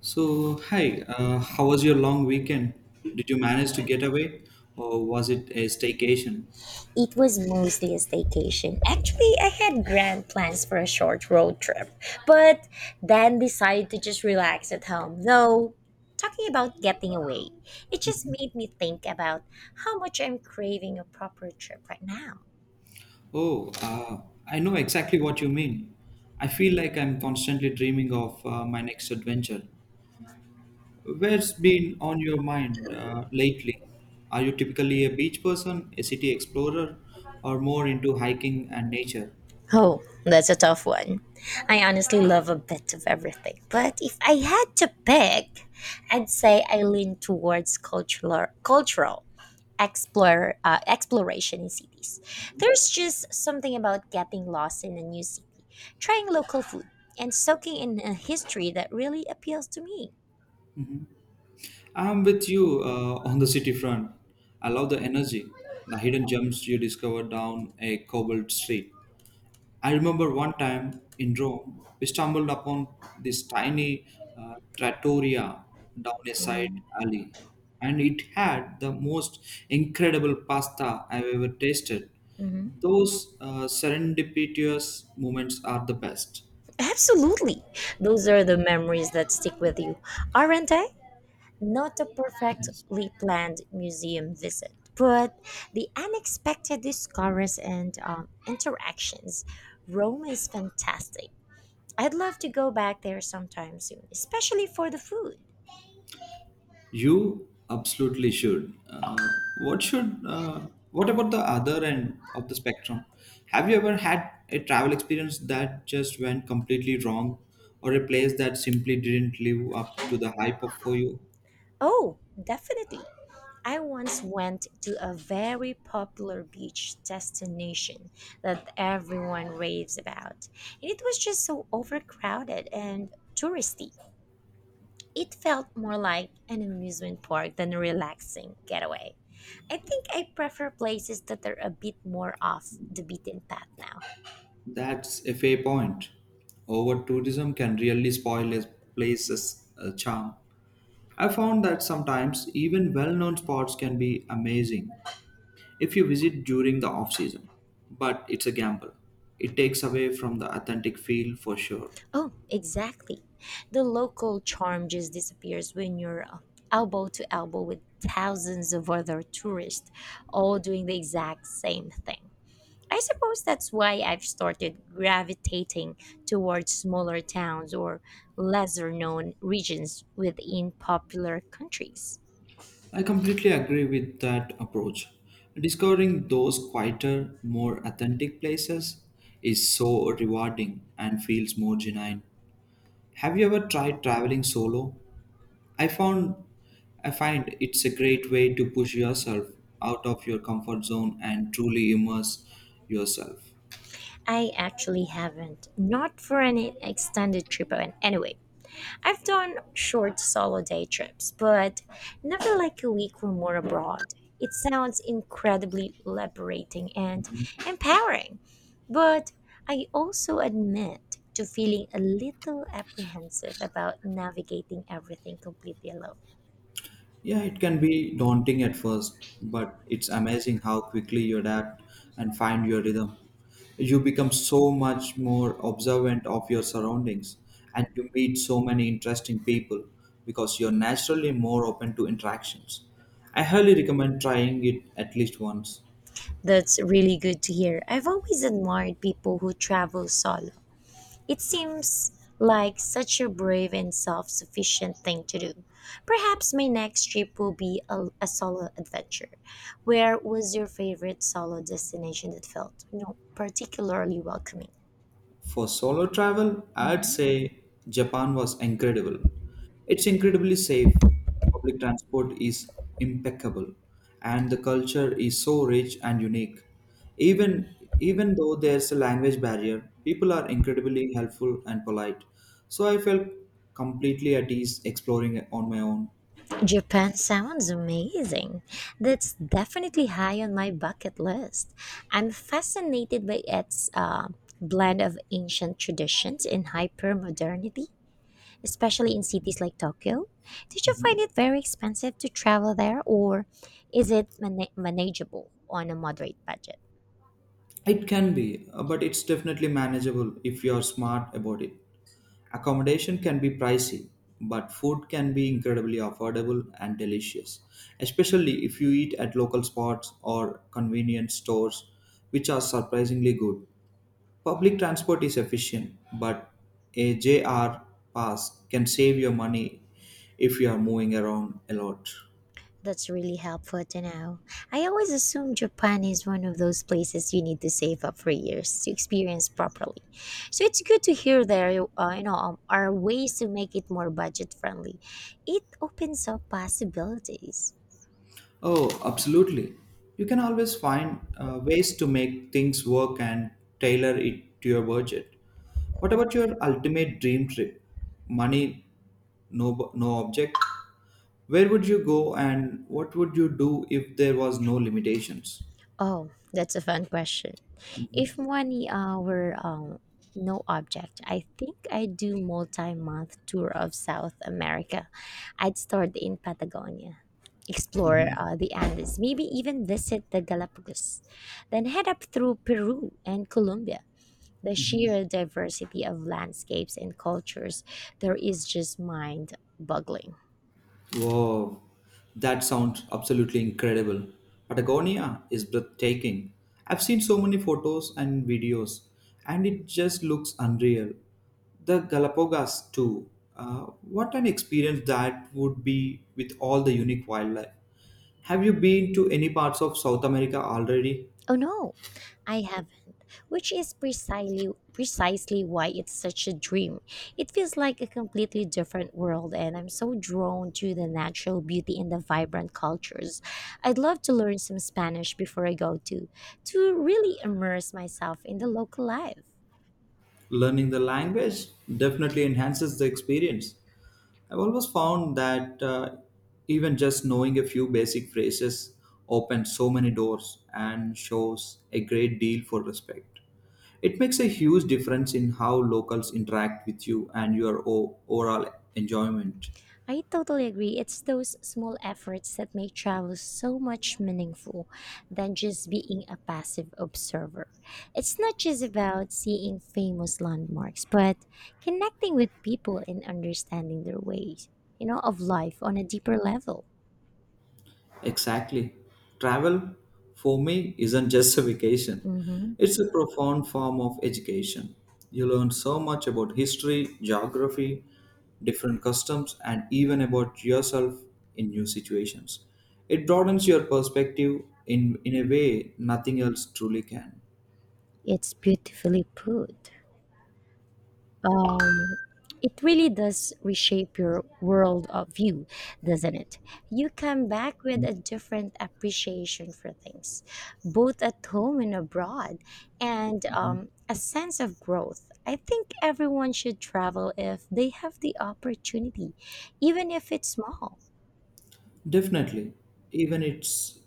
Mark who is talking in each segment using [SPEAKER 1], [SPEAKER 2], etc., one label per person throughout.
[SPEAKER 1] So, hi, how was your long weekend? Did you manage to get away or was it a staycation?
[SPEAKER 2] It was mostly a staycation. Actually, I had grand plans for a short road trip, but then decided to just relax at home. Though, talking about getting away, it just made me think about how much I'm craving a proper trip right now.
[SPEAKER 1] Oh, I know exactly what you mean. I feel like I'm constantly dreaming of my next adventure. Where's been on your mind lately? Are you typically a beach person, a city explorer, or more into hiking and nature?
[SPEAKER 2] Oh, that's a tough one. I honestly love a bit of everything, but if I had to pick, I'd say I lean towards cultural explore exploration in cities. There's just something about getting lost in a new city, trying local food, and soaking in a history that really appeals to me.
[SPEAKER 1] Mhm. I'm with you on the city front. I love the energy, the hidden gems you discover down a cobbled street. I remember one time in Rome, we stumbled upon this tiny trattoria down a side alley, and it had the most incredible pasta I've ever tasted.
[SPEAKER 2] Mhm.
[SPEAKER 1] Those serendipitous moments are the best.
[SPEAKER 2] Absolutely, those are the memories that stick with you, aren't they? Not a
[SPEAKER 1] Yes.
[SPEAKER 2] perfectly planned museum visit, but the unexpected discoveries and interactions. Rome is fantastic. I'd love to go back there sometime soon, especially for the food.
[SPEAKER 1] You absolutely should. What about the other end of the spectrum? Have you ever had a travel experience that just went completely wrong, or a place that simply didn't live up to the hype of for you?
[SPEAKER 2] Oh, definitely. I once went to a very popular beach destination that everyone raves about, and it was just so overcrowded and touristy. It felt more like an amusement park than a relaxing getaway. I think I prefer places that are a bit more off the beaten path now.
[SPEAKER 1] That's a fair point. Over tourism can really spoil a place's charm. I found that sometimes even well known spots can be amazing if you visit during the off season, but it's a gamble. It takes away from the authentic feel for sure.
[SPEAKER 2] Oh, exactly. The local charm just disappears when you're elbow to elbow with thousands of other tourists all doing the exact same thing. I suppose that's why I've started gravitating towards smaller towns or lesser known regions within popular countries.
[SPEAKER 1] I completely agree with that approach. Discovering those quieter, more authentic places is so rewarding and feels more genuine. Have you ever tried traveling solo? I found I find it's a great way to push yourself out of your comfort zone and truly immerse yourself.
[SPEAKER 2] I actually haven't. Not for an extended trip. And anyway, I've done short solo day trips, but never like a week or more abroad. It sounds incredibly liberating and empowering, but I also admit to feeling a little apprehensive about navigating everything completely alone.
[SPEAKER 1] Yeah, it can be daunting at first, but it's amazing how quickly you adapt and find your rhythm. You become so much more observant of your surroundings and you meet so many interesting people because you're naturally more open to interactions. I highly recommend trying it at least once.
[SPEAKER 2] That's really good to hear. I've always admired people who travel solo. It seems like such a brave and self sufficient thing to do. Perhaps my next trip will be a solo adventure. Where was your favorite solo destination that felt, you know, particularly welcoming?
[SPEAKER 1] For solo travel, I'd
[SPEAKER 2] hmm
[SPEAKER 1] say Japan was incredible. It's incredibly safe, the public transport is impeccable, and the culture is so rich and unique. Even though there's a language barrier, people are incredibly helpful and polite. So I felt completely at ease exploring on my own.
[SPEAKER 2] Japan sounds amazing. That's definitely high on my bucket list. I'm fascinated by its blend of ancient traditions and hyper modernity, especially in cities like Tokyo. Did you find it very expensive to travel there, or is it manageable on a moderate budget?
[SPEAKER 1] It can be, but it's definitely manageable if you are smart about it. Accommodation can be pricey, but food can be incredibly affordable and delicious, especially if you eat at local spots or convenience stores, which are surprisingly good. Public transport is efficient, but a JR pass can save your money if you are moving around a lot.
[SPEAKER 2] That's really helpful to know. I always assume Japan is one of those places you need to save up for years to experience properly. So it's good to hear there, you know, are ways to make it more budget friendly. It opens up possibilities.
[SPEAKER 1] Oh, absolutely. You can always find ways to make things work and tailor it to your budget. What about your ultimate dream trip? Money, no object. Where would you go and what would you do if there was no limitations?
[SPEAKER 2] Oh, that's a fun question. If
[SPEAKER 1] Mhm,
[SPEAKER 2] money were no object, I think I'd do multi-month tour of South America. I'd start in Patagonia, explore
[SPEAKER 1] mhm,
[SPEAKER 2] the Andes, maybe even visit the Galapagos, then head up through Peru and Colombia. The
[SPEAKER 1] mhm.
[SPEAKER 2] sheer diversity of landscapes and cultures there is just mind-boggling.
[SPEAKER 1] Wow, that sounds absolutely incredible. Patagonia is breathtaking. I've seen so many photos and videos, and it just looks unreal. The Galapagos, too. What an experience that would be with all the unique wildlife. Have you been to any parts of South America already?
[SPEAKER 2] Oh no, I haven't, which is precisely why it's such a dream. It feels like a completely different world and I'm so drawn to the natural beauty and the vibrant cultures. I'd love to learn some Spanish before I go to really immerse myself in the local life.
[SPEAKER 1] Learning the language definitely enhances the experience. I've always found that even just knowing a few basic phrases opens so many doors and shows a great deal for respect. It makes a huge difference in how locals interact with you and your overall enjoyment.
[SPEAKER 2] I totally agree. It's those small efforts that make travel so much meaningful than just being a passive observer. It's not just about seeing famous landmarks, but connecting with people and understanding their ways, you know, of life on a deeper level.
[SPEAKER 1] Exactly. Travel for me isn't just a vacation,
[SPEAKER 2] Hmm.
[SPEAKER 1] it's a profound form of education. You learn so much about history, geography, different customs, and even about yourself in new situations. It broadens your perspective in a way nothing else truly can.
[SPEAKER 2] It's beautifully put. um, it really does reshape your world of view, doesn't it? You come back with a different appreciation for things, both at home and abroad, and
[SPEAKER 1] Mhm.
[SPEAKER 2] a sense of growth. I think everyone should travel if they have the opportunity, even if it's small.
[SPEAKER 1] Definitely, even it's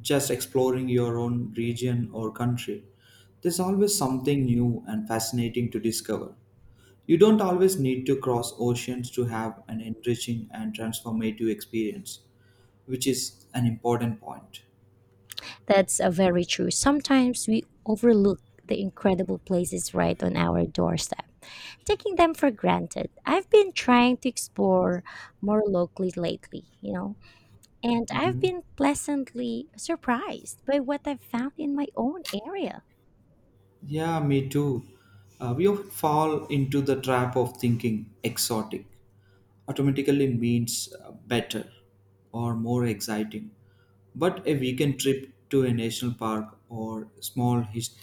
[SPEAKER 1] just exploring your own region or country, there's always something new and fascinating to discover. You don't always need to cross oceans to have an enriching and transformative experience, which is an important point.
[SPEAKER 2] That's a very true. Sometimes we overlook the incredible places right on our doorstep, taking them for granted. I've been trying to explore more locally lately, you know, and I've
[SPEAKER 1] Mhm.
[SPEAKER 2] been pleasantly surprised by what I've found in my own area.
[SPEAKER 1] Yeah, me too. We often fall into the trap of thinking exotic automatically means better or more exciting. But a weekend trip to a national park or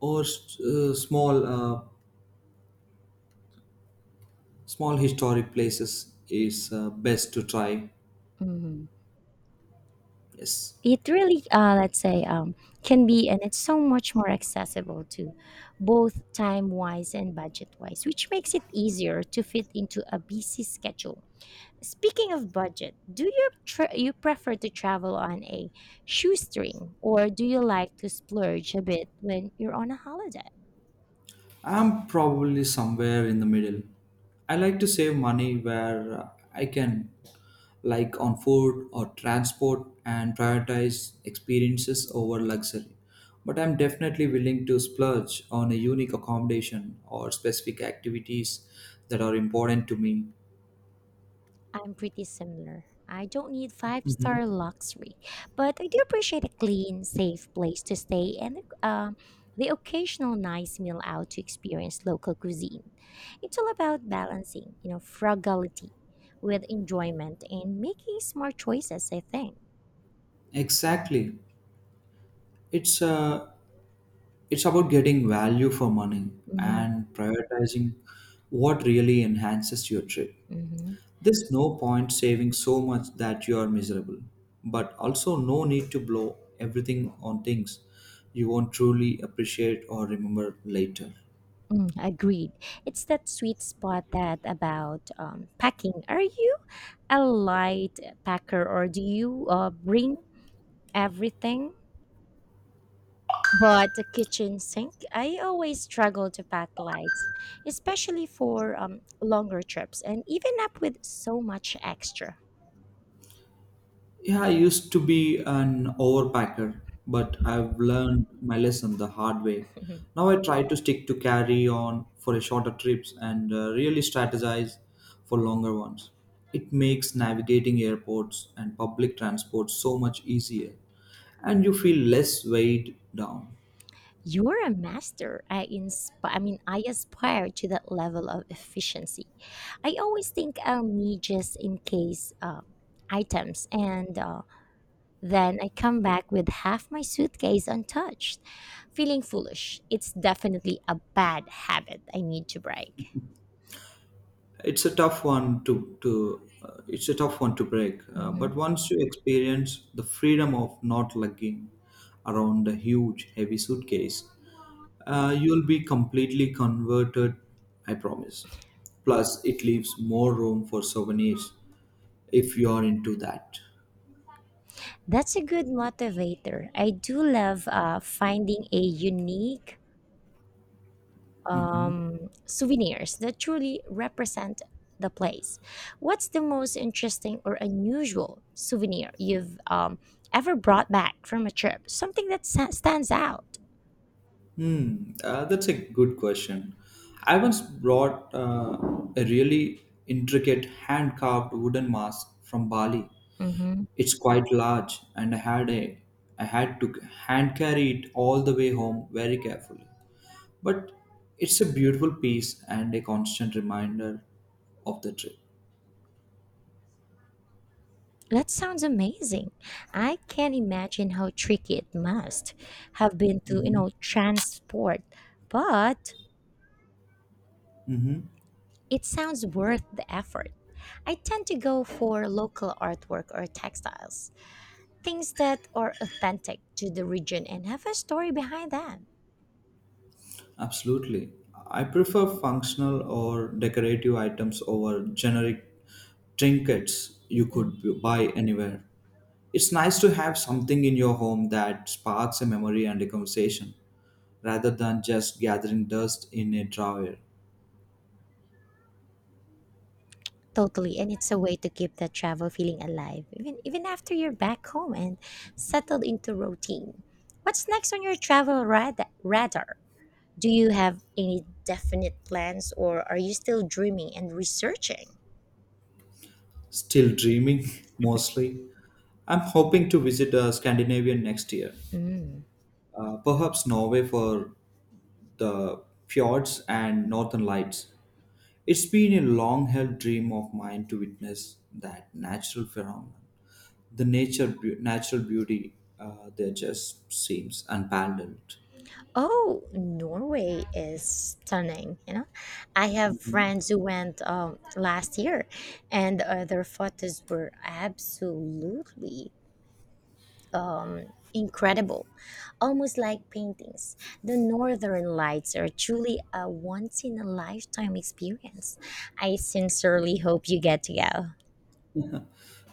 [SPEAKER 1] or uh, small uh, small historic places is best to try.
[SPEAKER 2] Mhm.
[SPEAKER 1] Yes.
[SPEAKER 2] It really, let's say, can be, and it's so much more accessible to both time wise and budget wise, which makes it easier to fit into a busy schedule. Speaking of budget, do you prefer to travel on a shoestring or do you like to splurge a bit when you're on a holiday?
[SPEAKER 1] I'm probably somewhere in the middle. I like to save money where I can, like on food or transport, and prioritize experiences over luxury. But I'm definitely willing to splurge on a unique accommodation or specific activities that are important to me.
[SPEAKER 2] I'm pretty similar. I don't need
[SPEAKER 1] Mhm.
[SPEAKER 2] five-star luxury, but I do appreciate a clean, safe place to stay and the occasional nice meal out to experience local cuisine. It's all about balancing, you know, frugality with enjoyment and making smart choices, I think.
[SPEAKER 1] Exactly. It's uh, it's about getting value for money
[SPEAKER 2] Hmm.
[SPEAKER 1] and prioritizing what really enhances your trip.
[SPEAKER 2] Hmm.
[SPEAKER 1] There's no point saving so much that you are miserable, but also no need to blow everything on things you won't truly appreciate or remember later.
[SPEAKER 2] Mm, agreed. It's that sweet spot that about packing. Are you a light packer or do you bring everything? But the kitchen sink, I always struggle to pack lights, especially for longer trips and even up with so much extra.
[SPEAKER 1] Yeah, I used to be an overpacker, but I've learned my lesson the hard way. Now I try to stick to carry on for a shorter trips and really strategize for longer ones. It makes navigating airports and public transport so much easier, and you feel less weighed down.
[SPEAKER 2] You're a master. I inspire. I mean, I aspire to that level of efficiency. I always think I'll need just in case items and then I come back with half my suitcase untouched, feeling foolish. It's definitely a bad habit I need to break.
[SPEAKER 1] It's a tough one to break but
[SPEAKER 2] Mhm.
[SPEAKER 1] once you experience the freedom of not lugging around a huge heavy suitcase you'll be completely converted. I promise. Plus it leaves more room for souvenirs if you are into that.
[SPEAKER 2] That's a good motivator. I do love finding a unique souvenirs that truly represent the place. What's the most interesting or unusual souvenir you've ever brought back from a trip? Something that stands out.
[SPEAKER 1] Hmm, that's a good question. I once brought a really intricate hand carved wooden mask from Bali.
[SPEAKER 2] Hmm.
[SPEAKER 1] It's quite large, and I had to hand carry it all the way home very carefully. But it's a beautiful piece and a constant reminder of the trip.
[SPEAKER 2] That sounds amazing. I can imagine how tricky it must have been to, you
[SPEAKER 1] Hmm.
[SPEAKER 2] know, transport, but
[SPEAKER 1] Hmm.
[SPEAKER 2] it sounds worth the effort. I tend to go for local artwork or textiles, things that are authentic to the region and have a story behind them.
[SPEAKER 1] Absolutely. I prefer functional or decorative items over generic trinkets you
[SPEAKER 2] Mm.
[SPEAKER 1] could buy anywhere. It's nice to have something in your home that sparks a memory and a conversation rather than just gathering dust in a drawer.
[SPEAKER 2] Totally, and it's a way to keep that travel feeling alive, even after you're back home and settled into routine. What's next on your radar? Do you have any definite plans or are you still dreaming and researching?
[SPEAKER 1] Still dreaming, mostly. I'm hoping to visit Scandinavia next year,
[SPEAKER 2] Mm.
[SPEAKER 1] perhaps Norway for the fjords and northern lights. It's been a long held dream of mine to witness that natural phenomenon. The natural beauty there just seems unparalleled.
[SPEAKER 2] Oh, Norway is stunning. You know, I have friends who went last year, and their photos were absolutely um, incredible, almost like paintings. The Northern Lights are truly a once in a lifetime experience. I sincerely hope you get to go.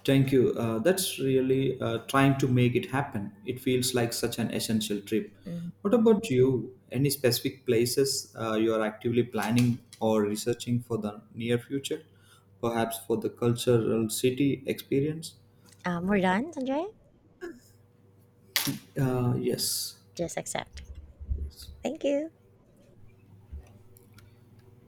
[SPEAKER 1] Thank you. That's really trying to make it happen. It feels like such an essential trip.
[SPEAKER 2] Mm.
[SPEAKER 1] What about you? Any specific places you are actively planning or researching for the near future? Perhaps for the cultural city experience?
[SPEAKER 2] We're done, Sanjay?
[SPEAKER 1] Yes.
[SPEAKER 2] Just accept. Thank you.